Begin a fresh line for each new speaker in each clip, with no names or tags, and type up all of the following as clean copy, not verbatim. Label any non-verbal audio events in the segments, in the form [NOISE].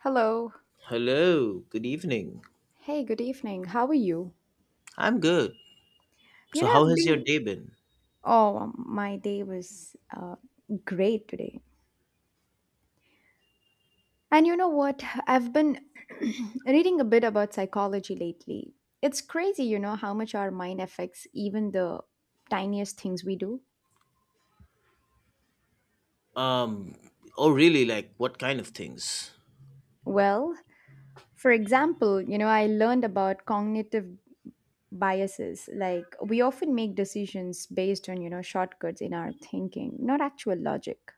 Hello.
Hello, good evening.
Hey, good evening. How are you?
I'm good. So how
I've
has your
been.
day been?
Oh, my day was great today. And you know what? I've been [CLEARS THROAT] reading a bit about psychology lately. It's crazy how much our mind affects even the tiniest things we do.
Um, oh really, like what kind of things?
Well, for example, I learned about cognitive biases. Like, we often make decisions based on shortcuts in our thinking, not actual logic.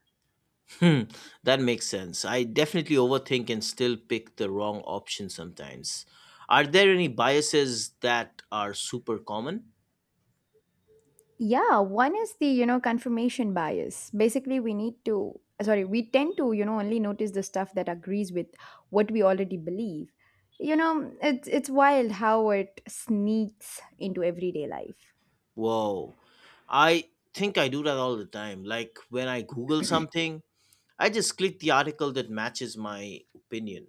Hmm, that makes sense. I definitely overthink and still pick the wrong option sometimes. Are there any biases that are super common?
Yeah, one is the confirmation bias. Basically, we tend to only notice the stuff that agrees with what we already believe. It's wild how it sneaks into everyday life.
Whoa. I think I do that all the time. Like when I Google something, I just click the article that matches my opinion.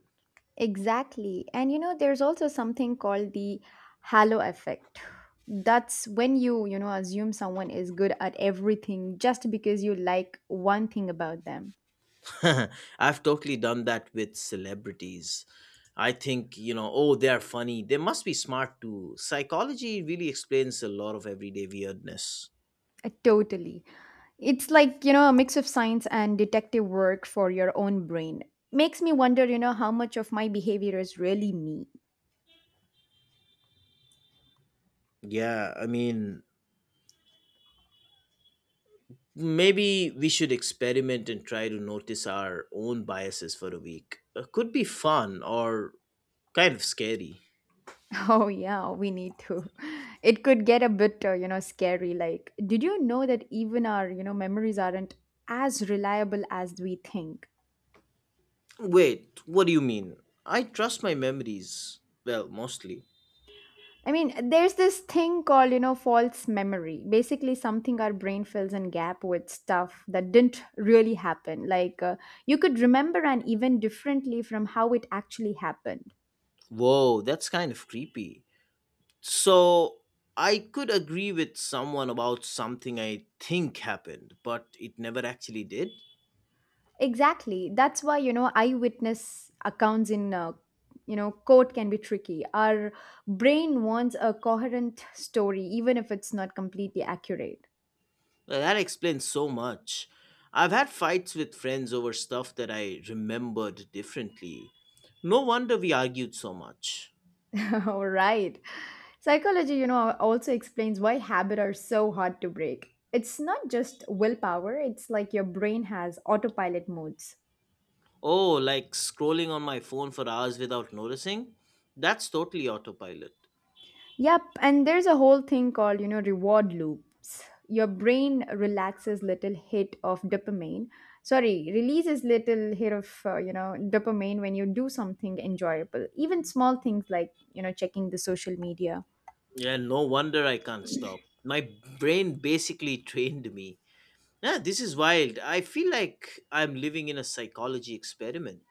Exactly. And there's also something called the halo effect. That's when you assume someone is good at everything just because you like one thing about them.
[LAUGHS] I've totally done that with celebrities. I think, oh, they're funny. They must be smart too. Psychology really explains a lot of everyday weirdness.
Totally. It's like, a mix of science and detective work for your own brain. Makes me wonder how much of my behavior is really me. [LAUGHS]
Yeah, I mean, maybe we should experiment and try to notice our own biases for a week. Could be fun or kind of scary.
Oh, yeah, we need to. It could get a bit, scary. Like, did you know that even our memories aren't as reliable as we think?
Wait, what do you mean? I trust my memories. Well, mostly.
I mean, there's this thing called false memory. Basically, something our brain fills in gap with stuff that didn't really happen. Like, you could remember an event differently from how it actually happened.
Whoa, that's kind of creepy. So I could agree with someone about something I think happened, but it never actually did.
Exactly. That's why eyewitness accounts in, court can be tricky. Our brain wants a coherent story, even if it's not completely accurate.
Well, that explains so much. I've had fights with friends over stuff that I remembered differently. No wonder we argued so much.
[LAUGHS] All right. Psychology also explains why habits are so hard to break. It's not just willpower, it's like your brain has autopilot modes.
Oh, like scrolling on my phone for hours without noticing? That's totally autopilot.
Yep, and there's a whole thing called reward loops. Your brain relaxes little hit of dopamine. Sorry, releases little hit of, dopamine when you do something enjoyable. Even small things like, checking the social media.
Yeah, no wonder I can't stop. My brain basically [LAUGHS] trained me. Yeah, this is wild. I feel like I'm living in a psychology experiment.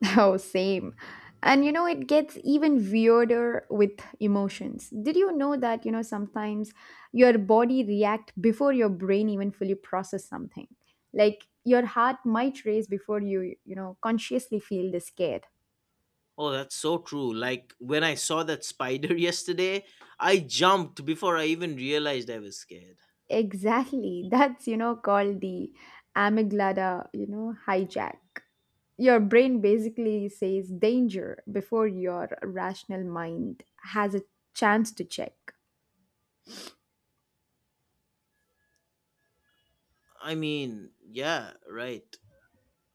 [LAUGHS] Oh, same. And it gets even weirder with emotions. Did you know that sometimes your body react before your brain even fully process something? Like your heart might race before you consciously feel the scare.
Oh, that's so true. Like when I saw that spider [LAUGHS] yesterday, I jumped before I even realized I was scared.
Exactly. [LAUGHS] That's, called the amygdala hijack. Your brain basically says danger before your rational mind has a chance to check.
I mean, yeah, right.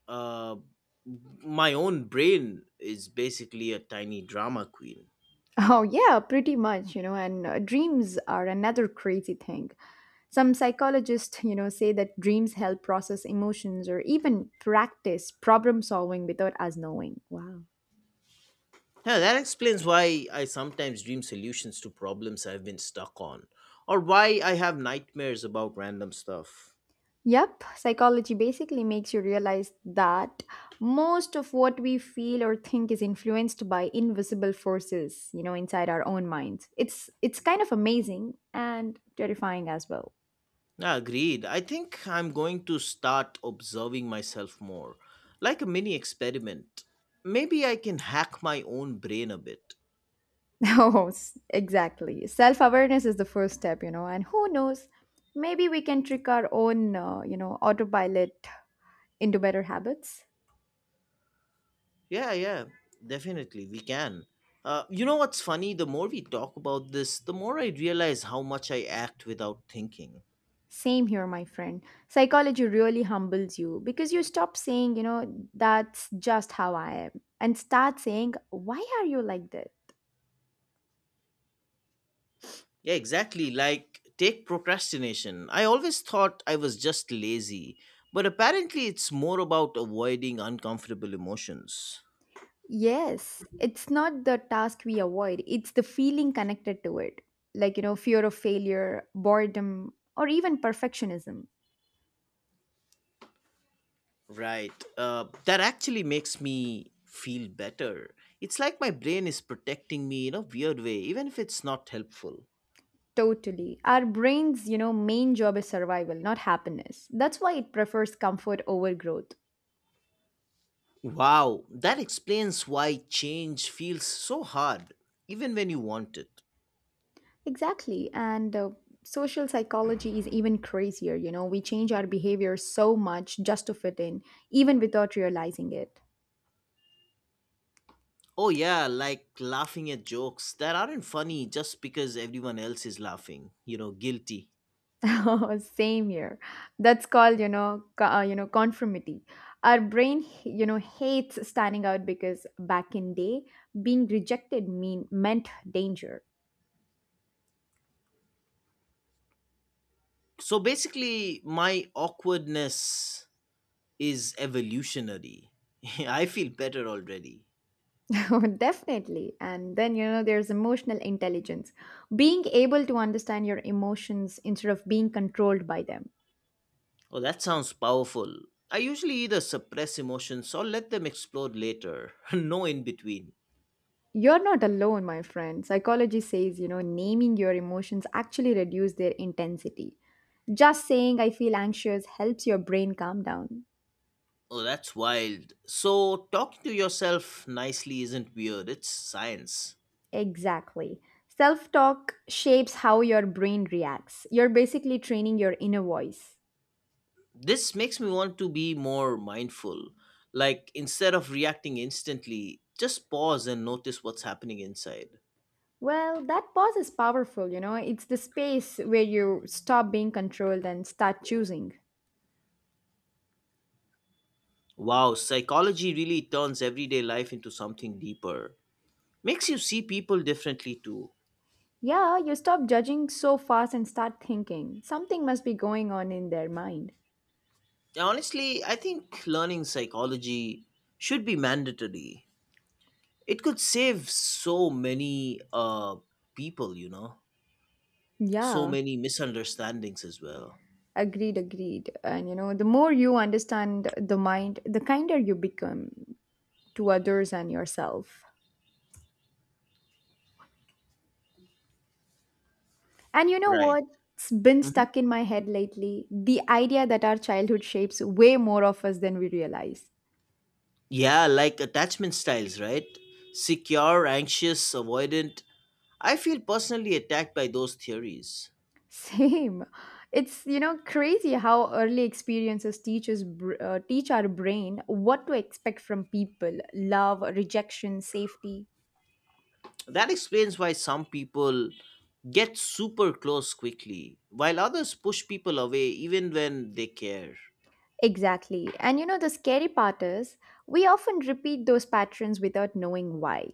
Uh, my own brain is basically a tiny drama queen.
Oh, yeah, pretty much, and dreams are another crazy thing. Some psychologists say that dreams help process emotions or even practice problem solving without us knowing. Wow.
Yeah, that explains why I sometimes dream solutions to problems I've been stuck on, or why I have nightmares about random stuff.
Yep, psychology basically makes you realize that most of what we feel or think is influenced by invisible forces inside our own minds. It's kind of amazing and terrifying as well.
Yeah, agreed. I think I'm going to start observing myself more, like a mini experiment. Maybe I can hack my own brain a bit.
Oh, [LAUGHS] exactly. Self awareness is the first step and who knows, maybe we can trick our own, autopilot into better habits.
Yeah, yeah, definitely, we can. You know what's funny? The more we talk about this, the more I realize how much I act without thinking.
Same here, my friend. Psychology really humbles you because you stop saying that's just how I am and start saying, why are you like this?
Yeah, exactly. Like, take procrastination. I always thought I was just lazy, but apparently it's more about avoiding uncomfortable emotions.
Yes, it's not the task we avoid, it's the feeling connected to it. Like, fear of failure, boredom, or even perfectionism.
Right. That actually makes me feel better. It's like my brain is protecting me in a weird way, even if it's not helpful.
Totally. Our brain's main job is survival, not happiness. That's why it prefers comfort over growth.
Wow, that explains why change feels so hard, even when you want it.
Exactly. And social psychology is even crazier. We change our behavior so much just to fit in, even without realizing it.
Oh, yeah, like laughing at jokes that aren't funny just because everyone else is laughing, guilty.
[LAUGHS] Same here. That's called conformity. Our brain hates standing out because back in day, being rejected meant danger.
So basically, my awkwardness is evolutionary. [LAUGHS] I feel better already.
[LAUGHS] Oh, definitely. And then, there's emotional intelligence. Being able to understand your emotions instead of being controlled by them.
Oh, that sounds powerful. I usually either suppress emotions or let them explode later. [LAUGHS] No in between.
You're not alone, my friend. Psychology says naming your emotions actually reduce their intensity. Just saying I feel anxious helps your brain calm down.
Oh, that's wild. So, talking to yourself nicely isn't weird, it's science.
Exactly. Self talk shapes how your brain reacts. You're basically training your inner voice.
This makes me want to be more mindful. Like, instead of reacting instantly, just pause and notice what's happening inside.
Well, that pause is powerful. It's the space where you stop being controlled and start choosing.
Wow, psychology really turns everyday life into something deeper. Makes you see people differently too.
Yeah, you stop judging so fast and start thinking. Something must be going on in their mind.
Honestly, I think learning psychology should be mandatory. It could save so many people, so
Yeah,
many misunderstandings as well.
agreed, agreed. And the more you understand the mind, the kinder you become to others and yourself. And you know
Right.
what's been
Hmm.
stuck in my head lately? The idea that our childhood shapes way more of us than we realize.
Yeah, like attachment styles, right? Secure, anxious, avoidant. I feel personally attacked by those theories.
Same. It's crazy how early experiences teach our brain what to expect from people, love, rejection, safety.
That explains why some people get super close quickly, while others push people away even when they care.
Exactly. And the scary part is we often repeat those patterns without knowing why.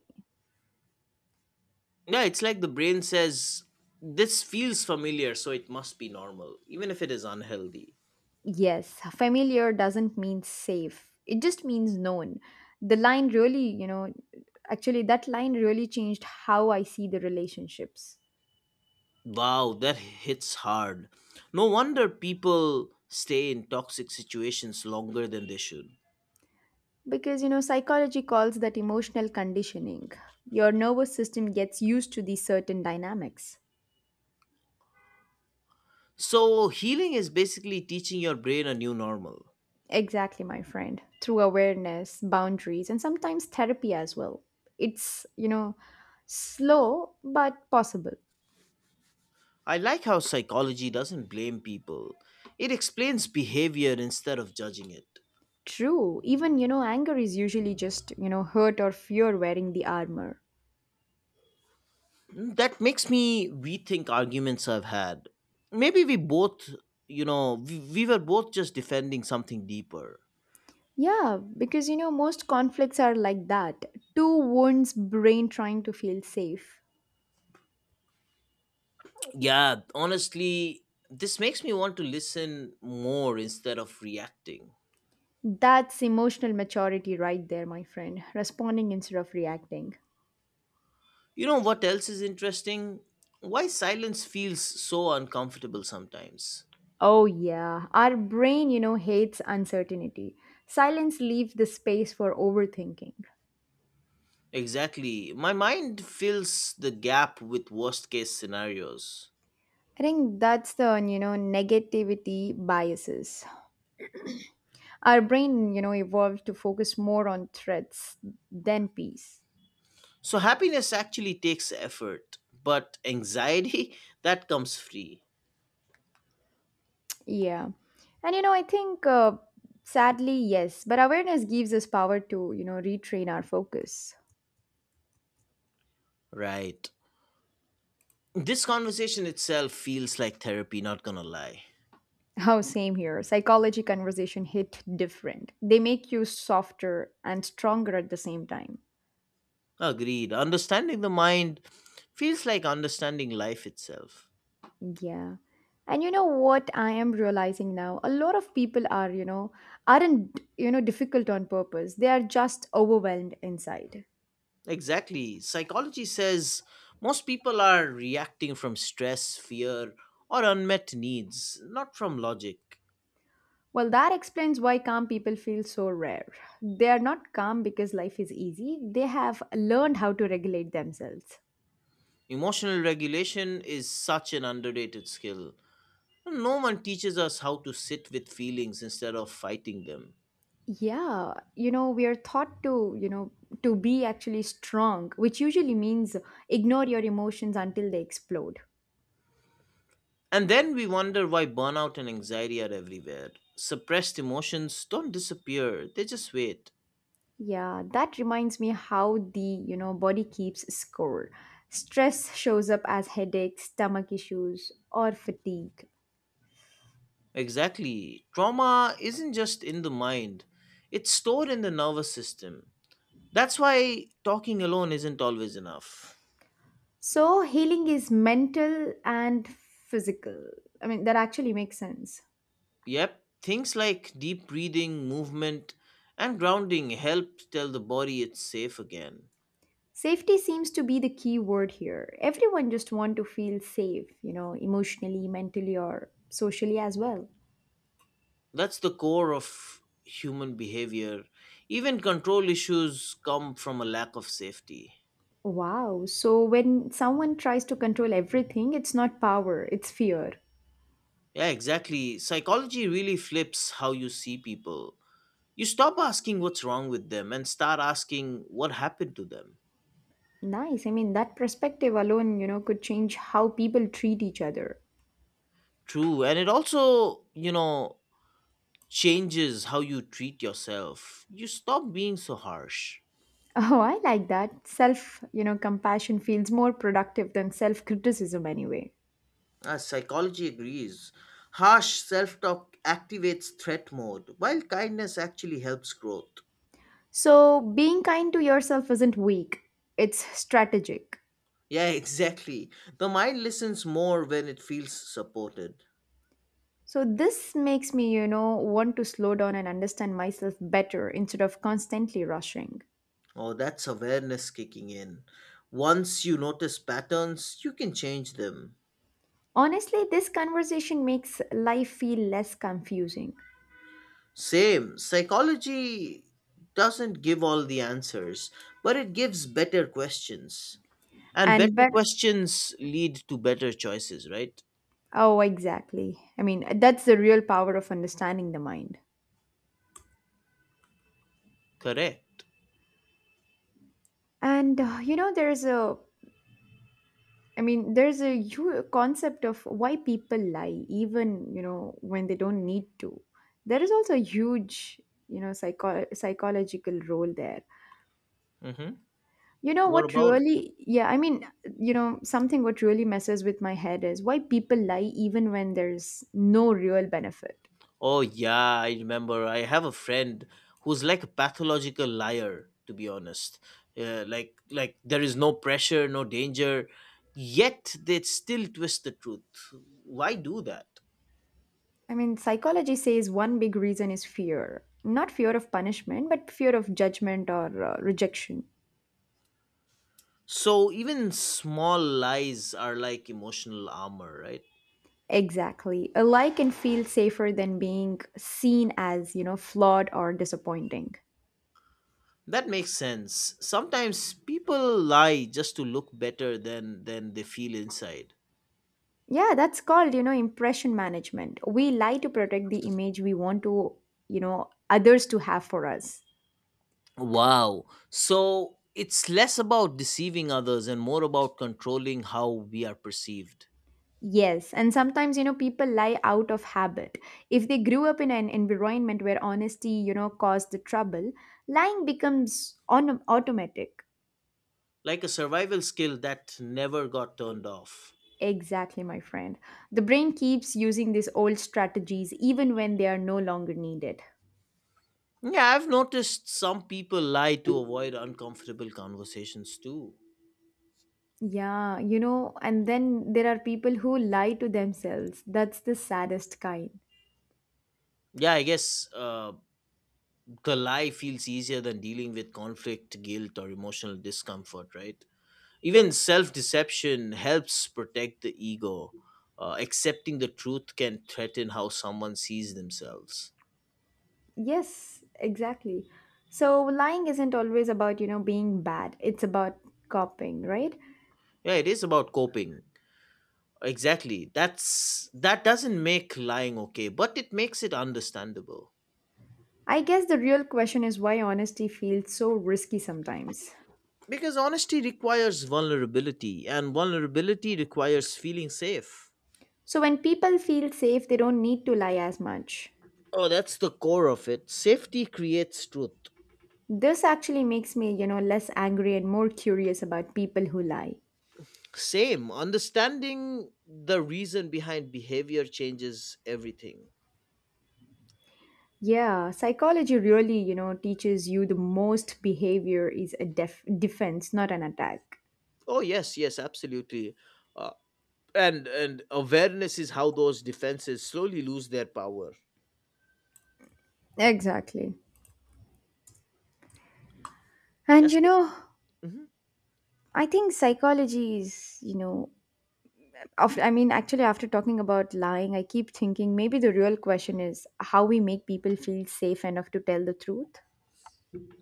Yeah, it's like the brain says, this feels familiar, so it must be normal, even if it is unhealthy.
Yes, familiar doesn't mean safe. It just means known. The line really, you know, actually that line really changed how I see the relationships.
Wow, that hits hard. No wonder people stay in toxic situations longer than they should.
Because, psychology calls that emotional conditioning. Your nervous system gets used to these certain dynamics.
So, healing is basically teaching your brain a new normal.
Exactly, my friend. Through awareness, boundaries, and sometimes therapy as well. It's, slow but possible.
I like how psychology doesn't blame people, it explains behavior instead of judging it.
True. Even, anger is usually just hurt or fear wearing the armor.
That makes me rethink arguments I've had. Maybe we both, we were both just defending something deeper.
Yeah, because, most conflicts are like that. Two wounds, brain trying to feel safe.
Yeah, honestly, this makes me want to listen more instead of reacting.
That's emotional maturity right there, my friend. Responding instead of reacting.
You know what else is interesting? Why silence feels so uncomfortable sometimes.
Oh, yeah. Our brain hates uncertainty. Silence leaves the space for overthinking.
Exactly. My mind fills the gap with worst case scenarios.
I think that's the negativity biases. Our brain evolved to focus more on threats than peace.
So happiness actually takes effort, but anxiety, [LAUGHS] that comes free.
Yeah. And, I think sadly, yes, but awareness gives us power to retrain our focus.
Right. This conversation itself feels like therapy, not gonna lie.
How, same here. Psychology conversation hit different. They make you softer and stronger at the same time.
Agreed. Understanding the mind feels like understanding life itself.
Yeah. And you know what I am realizing now? A lot of people aren't difficult on purpose. They are just overwhelmed inside.
Exactly. Psychology says most people are reacting from stress, fear, or unmet needs, not from logic.
Well, that explains why calm people feel so rare. They are not calm because life is easy. They have learned how to regulate themselves.
Emotional regulation is such an underrated skill. No one teaches us how to sit with feelings instead of fighting them.
Yeah, we are taught to be actually strong, which usually means ignore your emotions until they explode.
And then we wonder why burnout and anxiety are everywhere. Suppressed emotions don't disappear, they just wait.
Yeah, that reminds me how the body keeps score. Stress shows up as headaches, stomach issues, or fatigue.
Exactly. Trauma isn't just in the mind, it's stored in the nervous system. That's why talking alone isn't always enough.
So healing is mental and physical. I mean, that actually makes sense.
Yep, things like deep breathing, movement, and grounding help tell the body it's safe again.
Safety seems to be the key word here. Everyone just want to feel safe emotionally, mentally or socially as well.
That's the core of human behavior. Even control issues come from a lack of safety.
Wow. So when someone tries to control everything, it's not power, it's fear.
Yeah, exactly. Psychology really flips how you see people. You stop asking what's wrong with them and start asking what happened to them.
Nice. I mean, that perspective alone could change how people treat each other.
True. And it also, changes how you treat yourself. You stop being so harsh.
Oh, I like that. Self compassion feels more productive than self-criticism anyway.
Psychology agrees. Harsh self talk activates threat mode, while kindness actually helps growth.
So being kind to yourself isn't weak, it's strategic.
Yeah, [LAUGHS] exactly. The mind listens more when it feels supported.
So this makes me want to slow down and understand myself better instead of constantly rushing.
Oh, that's awareness kicking in. Once you notice patterns, you can change them.
Honestly, this conversation makes life feel less confusing.
Same, psychology doesn't give all the answers, but it gives better questions. And
And
better
but
questions lead to better choices, right?
Oh, exactly. I mean, that's the real power of understanding the mind.
Correct.
And there's a concept of why people lie even when they don't need to. There is also a huge psychological role there.
Mm-hmm. What about.
Yeah, I mean, something what really messes with my head is why people lie even when there's no real benefit.
Oh, yeah, I remember. I have a friend who's like a pathological liar, to be honest. Like there is no pressure, no danger, yet they still twist the truth. Why do that?
I mean, psychology says one big reason is fear. Not fear of punishment, but fear of judgment or rejection.
So even small lies are like emotional armor, right?
Exactly. A lie can feel safer than being seen as flawed or disappointing.
That makes sense. Sometimes people lie just to look better than they feel inside.
Yeah, that's called impression management. We lie to protect the image we want to others to have for us.
Wow. So it's less about deceiving others and more about controlling how we are perceived.
Yes, and sometimes people lie out of habit. If they grew up in an environment where honesty caused the trouble, lying becomes automatic.
Like a survival skill that never got turned off.
Exactly, my friend. The brain keeps using these old strategies even when they are no longer needed.
Yeah, I've noticed some people lie to avoid uncomfortable conversations too.
Yeah, and then there are people who lie to themselves. That's the saddest kind.
Yeah, I guess the lie feels easier than dealing with conflict, guilt, or emotional discomfort, right? Even self deception helps protect the ego. Accepting the truth can threaten how someone sees themselves.
Yes, exactly. So lying isn't always about being bad. It's about coping, right?
Yeah, it is about coping. Exactly. That doesn't make lying okay, but it makes it understandable.
I guess the real question is why honesty feels so risky sometimes.
Because honesty requires vulnerability and vulnerability requires feeling safe.
So when people feel safe, they don't need to lie as much.
Oh, that's the core of it. Safety creates truth.
This actually makes me less angry and more curious about people who lie.
Same, understanding the reason behind behavior changes everything.
Yeah, psychology really teaches you the most behavior is a defense, not an attack.
Oh, yes, yes, absolutely. Uh, and awareness is how those defenses slowly lose their power.
Exactly. And
Yes.
you
Like,
know,
mhm.
I think psychology is, you know, actually, after talking about lying, I keep thinking maybe the real question is how we make people feel safe enough to tell the truth.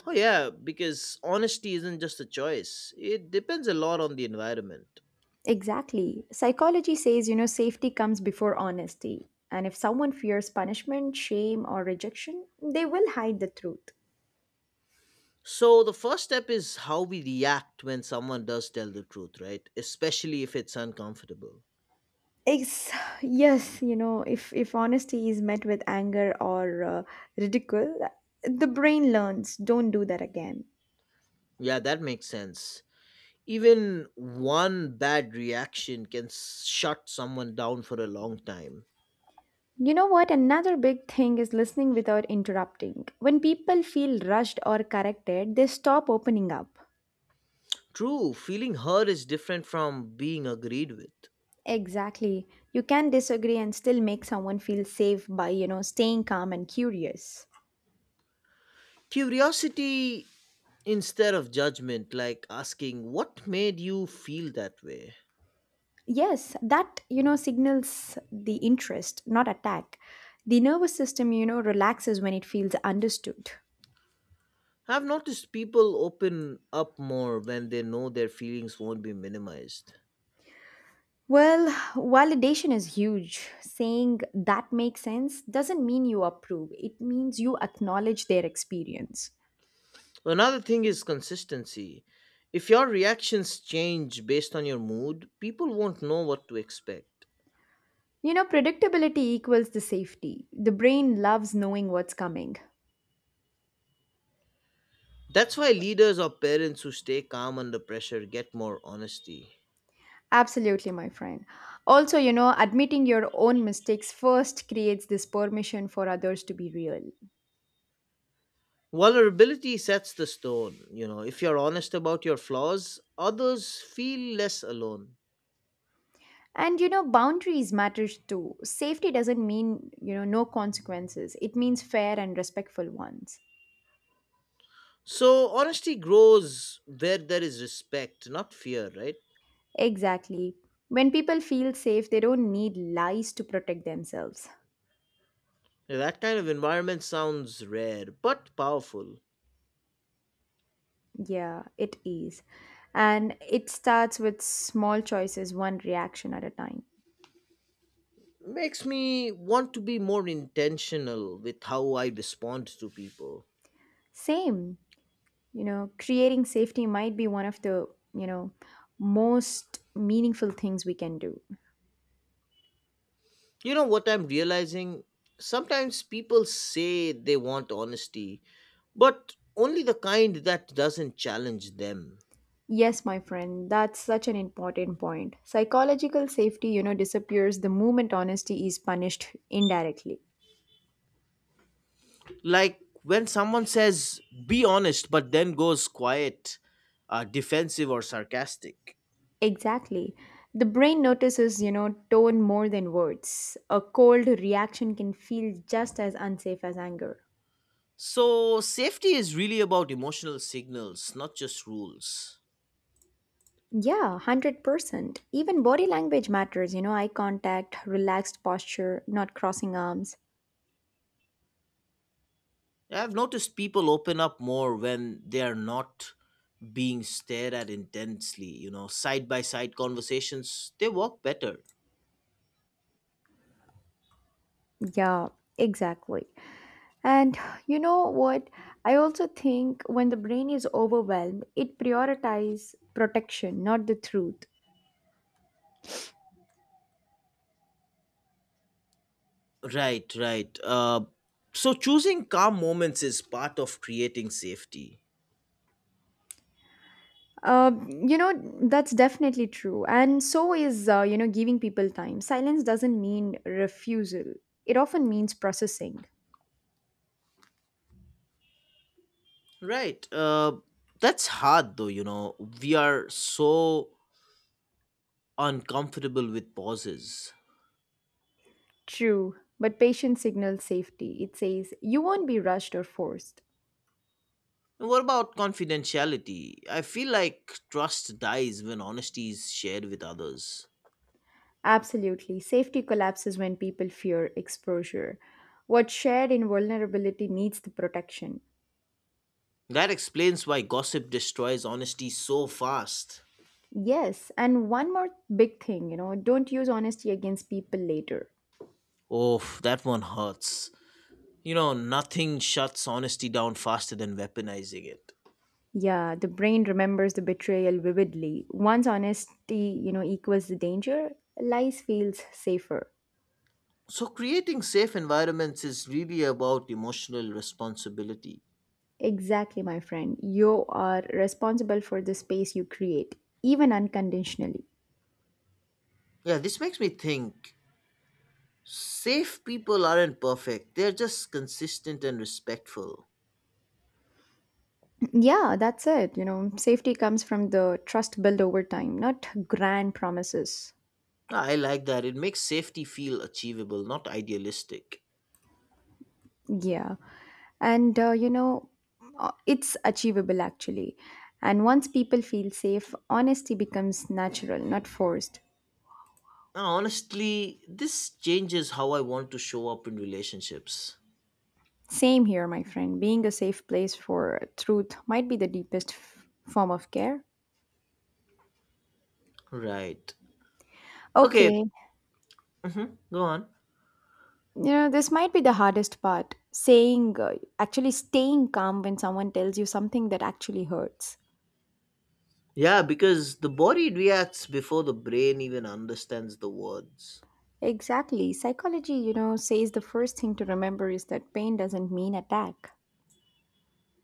Oh, yeah, because honesty isn't just a choice, it depends a lot on the environment.
Exactly. Psychology says safety comes before honesty. And if someone fears punishment, shame, or rejection, they will hide the truth.
So, the first step is how we react when someone does tell the truth, right? Especially if it's uncomfortable.
It's, yes, if honesty is met with anger or ridicule, the brain learns, don't do that again.
Yeah, that makes sense. Even one bad reaction can shut someone down for a long time.
You know what? Another big thing is listening without interrupting. When people feel rushed or corrected, they stop opening up.
True, feeling hurt is different from being agreed with.
Exactly. You can disagree and still make someone feel safe by, staying calm and curious.
Curiosity instead of judgment, like asking, What made you feel that way?
Yes, that, signals the interest, not attack. The nervous system, relaxes when it feels understood.
I've noticed people open up more when they know their feelings won't be minimized.
Well, validation is huge. Saying that makes sense doesn't mean you approve, it means you acknowledge their experience.
Another thing is consistency. If your reactions change based on your mood, people won't know what to expect.
Predictability equals the safety. The brain loves knowing what's coming.
That's why leaders or parents who stay calm under pressure get more honesty.
Absolutely, my friend. Also, admitting your own mistakes first creates this permission for others to be real.
Vulnerability sets the stone. If you're honest about your flaws, others feel less alone.
And boundaries matters too. Safety doesn't mean, no consequences. It means fair and respectful ones.
So, honesty grows where there is respect, not fear, right?
Exactly. When people feel safe, they don't need lies to protect themselves.
Now, that kind of environment sounds rare but powerful.
Yeah, it is. And it starts with small choices, one reaction at a time.
Makes me want to be more intentional with how I respond to people.
Same, creating safety might be one of the, you know, most meaningful things we can do.
You know what I'm realizing? Sometimes people say they want honesty, but only the kind that doesn't challenge them.
Yes, my friend, that's such an important point. Psychological safety, disappears the moment honesty is punished indirectly.
Like when someone says, be honest, but then goes quiet, defensive, or sarcastic.
Exactly. The brain notices, tone more than words. A cold reaction can feel just as unsafe as anger.
So, safety is really about emotional signals, not just rules.
Yeah, 100%. Even body language matters, eye contact, relaxed posture, not crossing arms.
Yeah, I've noticed people open up more when they are not being stared at intensely. Side by side conversations, they work better.
Yeah, exactly. And you know what? I also think when the brain is overwhelmed, it prioritizes protection, not the truth.
Right, right. So choosing calm moments is part of creating safety.
Um, you know, that's definitely true. And so is, giving people time. Silence doesn't mean refusal, it often means processing.
Right. That's hard though. We are so uncomfortable with pauses.
True, but patience signals safety. It says, you won't be rushed or forced.
And what about confidentiality? I feel like trust dies when honesty is shared with others.
Absolutely. Safety collapses when people fear exposure. What's shared in vulnerability needs the protection.
That explains why gossip destroys honesty so fast.
Yes, and one more big thing, don't use honesty against people later.
Oh, that one hurts. Nothing shuts honesty down faster than weaponizing it.
Yeah, the brain remembers the betrayal vividly. Once honesty, equals the danger, lies feels safer.
So, creating safe environments is really about emotional responsibility.
Exactly, my friend. You are responsible for the space you create, even unconditionally.
Yeah, this makes me think safe people aren't perfect, they're just consistent and respectful.
Yeah, that's it. You know, safety comes from the trust built over time, not grand promises.
Ah, I like that. It makes safety feel achievable, not idealistic.
Yeah. And it's achievable actually. And once people feel safe, honesty becomes natural, not forced.
Now, honestly, this changes how I want to show up in relationships.
Same here, my friend. Being a safe place for truth might be the deepest form of care.
Right.
Okay,
Okay. Hmm. Go on.
this might be the hardest part saying, actually staying calm when someone tells you something that actually hurts.
Yeah, because the body reacts before the brain even understands the words.
Exactly. Psychology, says the first thing to remember is that pain doesn't mean attack.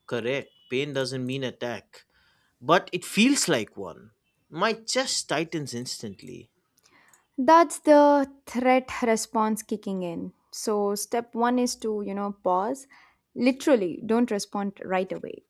Correct. Pain doesn't mean attack, but it feels like one. My chest tightens instantly.
That's the threat response kicking in. So, step one is to, pause. Literally, don't respond right away.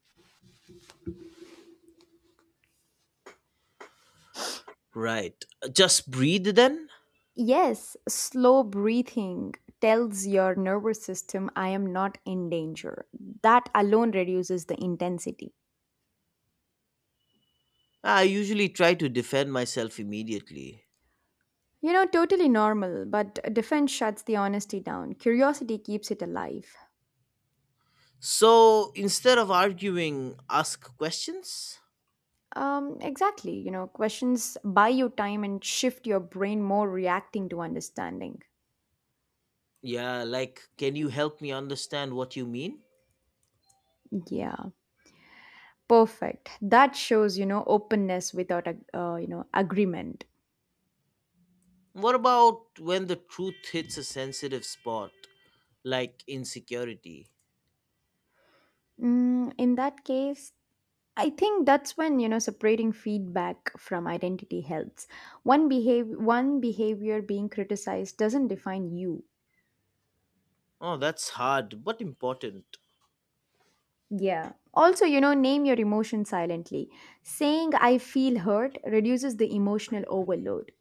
Right. Just breathe then?
Yes, slow breathing tells your nervous system, I am not in danger. That alone reduces the intensity.
I usually try to defend myself immediately.
You know, totally normal, but defense shuts the honesty down. Curiosity keeps it alive.
So instead of arguing, ask questions?
Exactly. You know, questions buy you time and shift your brain more reacting to understanding.
Yeah, like, can you help me understand what you mean?
Yeah, perfect. That shows, openness without, agreement.
What about when the truth hits a sensitive spot, like insecurity?
Mm, in that case, I think that's when, separating feedback from identity helps. One behavior being criticized doesn't define you.
Oh, that's hard, but important.
Yeah. Also, name your emotion silently. Saying I feel hurt reduces the emotional overload.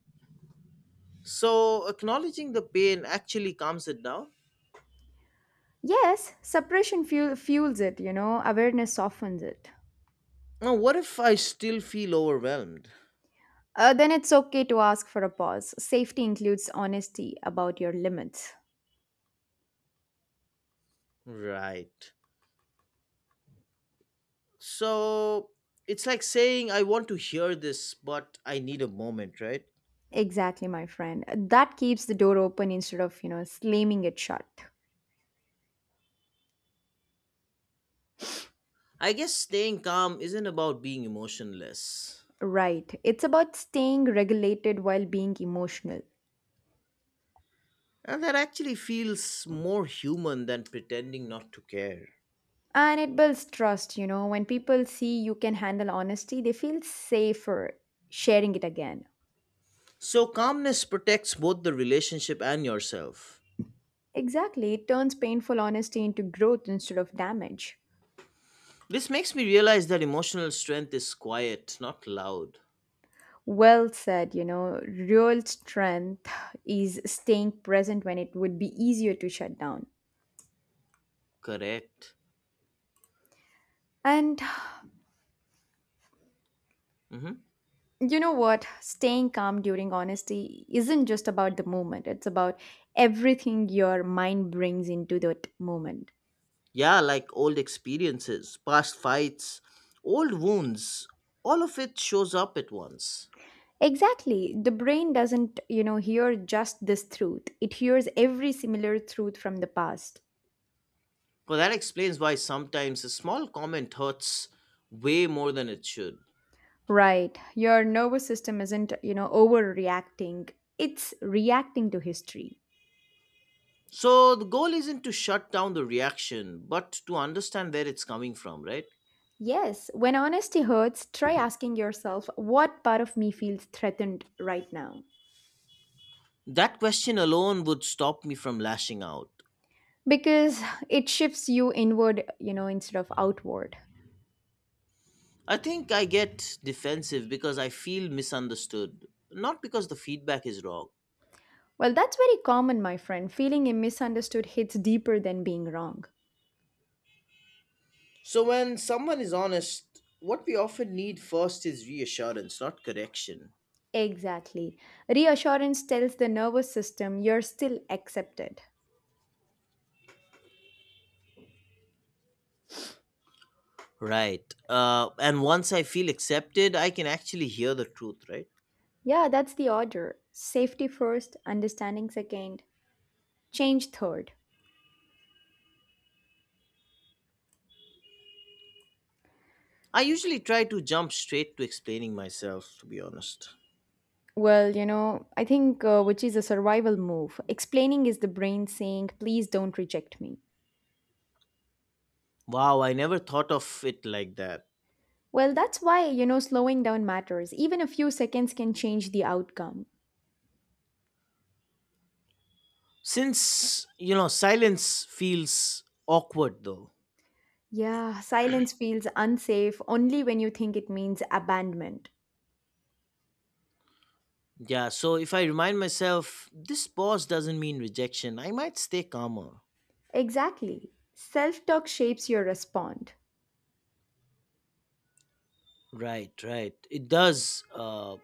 So, acknowledging the pain actually calms it down?
Yes, fuels it, awareness softens it.
Now, what if I still feel overwhelmed?
Then it's okay to ask for a pause. Safety includes honesty about your limits.
Right. So, it's like saying, I want to hear this, but I need a moment, right?
Exactly, my friend. That keeps the door open instead of, slamming it shut.
I guess staying calm isn't about being emotionless.
Right. It's about staying regulated while being emotional.
And that actually feels more human than pretending not to care.
And it builds trust, you know. When people see you can handle honesty, they feel safer sharing it again.
So, calmness protects both the relationship and yourself.
Exactly. It turns painful honesty into growth instead of damage.
This makes me realize that emotional strength is quiet, not loud.
Well said, real strength is staying present when it would be easier to shut down.
Correct.
And
Hmm.
you know what? Staying calm during honesty isn't just about the moment, it's about everything your mind brings into that moment.
Yeah, like old experiences, past fights, old wounds, all of it shows up at once.
Exactly. The brain doesn't, hear just this truth, it hears every similar truth from the past.
Well, that explains why sometimes a small comment hurts way more than it should.
Right. Your nervous system isn't, overreacting, it's reacting to history.
So, the goal isn't to shut down the reaction, but to understand where it's coming from, right?
Yes, when honesty hurts, try asking yourself, what part of me feels threatened right now?
That question alone would stop me from lashing out.
Because it shifts you inward, instead of outward.
I think I get defensive because I feel misunderstood, not because the feedback is wrong.
Well, that's very common, my friend. Feeling a misunderstood hits deeper than being wrong.
So, when someone is honest, what we often need first is reassurance, not correction.
Exactly. Reassurance tells the nervous system you're still accepted.
Right. And once I feel accepted, I can actually hear the truth, right?
Yeah, that's the order. Safety first, understanding second, change third.
I usually try to jump straight to explaining myself, to be honest.
Well, I think which is a survival move. Explaining is the brain saying, please don't reject me.
Wow, I never thought of it like that.
Well, that's why, slowing down matters. Even a few seconds can change the outcome.
Since silence feels awkward though.
Yeah, silence feels unsafe only when you think it means abandonment.
Yeah, so if I remind myself, this pause doesn't mean rejection, I might stay calmer.
Exactly. Self talk shapes your response.
Right, right. It does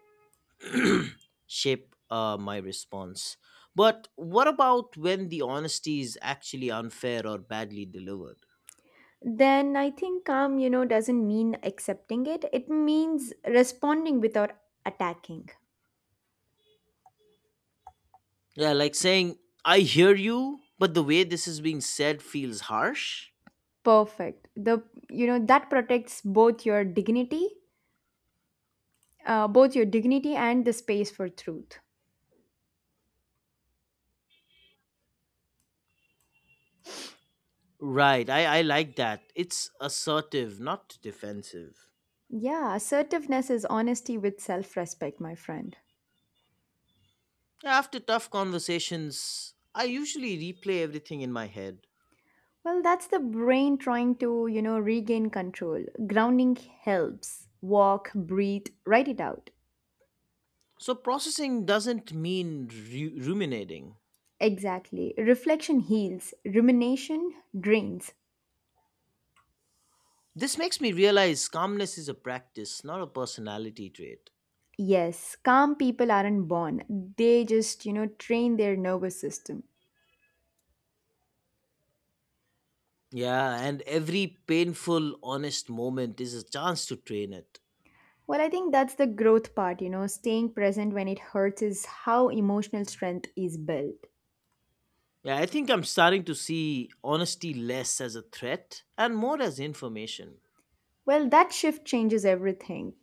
shape my response. But what about when the honesty is actually unfair or badly delivered?
Then I think calm, doesn't mean accepting it, it means responding without attacking.
Yeah, like saying, I hear you, but the way this is being said feels harsh.
Perfect. The You know that protects both your dignity and the space for truth.
Right, I like that. It's assertive, not defensive.
Yeah, assertiveness is honesty with self respect, my friend.
After tough conversations, I usually replay everything in my head.
Well, that's the brain trying to, regain control. Grounding helps. Walk, breathe, write it out.
So, processing doesn't mean ruminating.
Exactly. Reflection heals, rumination drains.
This makes me realize calmness is a practice, not a personality trait.
Yes, calm people aren't born, they just, train their nervous system.
Yeah, and every painful, honest moment is a chance to train it.
Well, I think that's the growth part, staying present when it hurts is how emotional strength is built.
Yeah, I think I'm starting to see honesty less as a threat and more as information.
Well, that shift changes everything.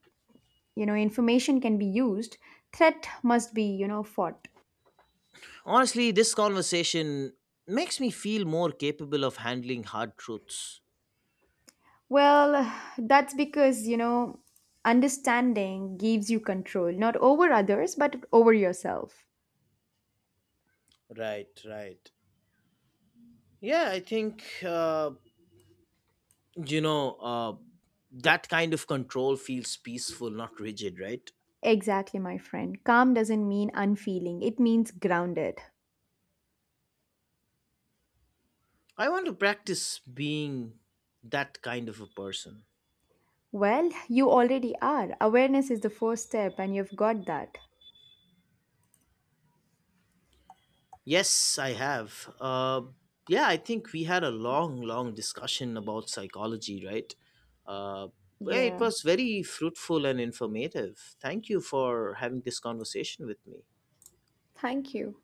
You know, information can be used, threat must be, fought.
Honestly, this conversation makes me feel more capable of handling hard truths.
Well, [SIGHS] that's because, understanding gives you control, not over others, but over yourself.
Right, right. Yeah, I think you know uh, that kind of control feels peaceful, not rigid, right?
Exactly, my friend. Calm doesn't mean unfeeling, it means grounded.
I want to practice being that kind of a person.
Well, you already are. Awareness is the first step, and you've got that.
Yes, I have. Yeah, I think we had a long long discussion about psychology, right? uh, yeah, it
Yeah.
was very fruitful and informative. Thank you for having this conversation with me.
Thank you.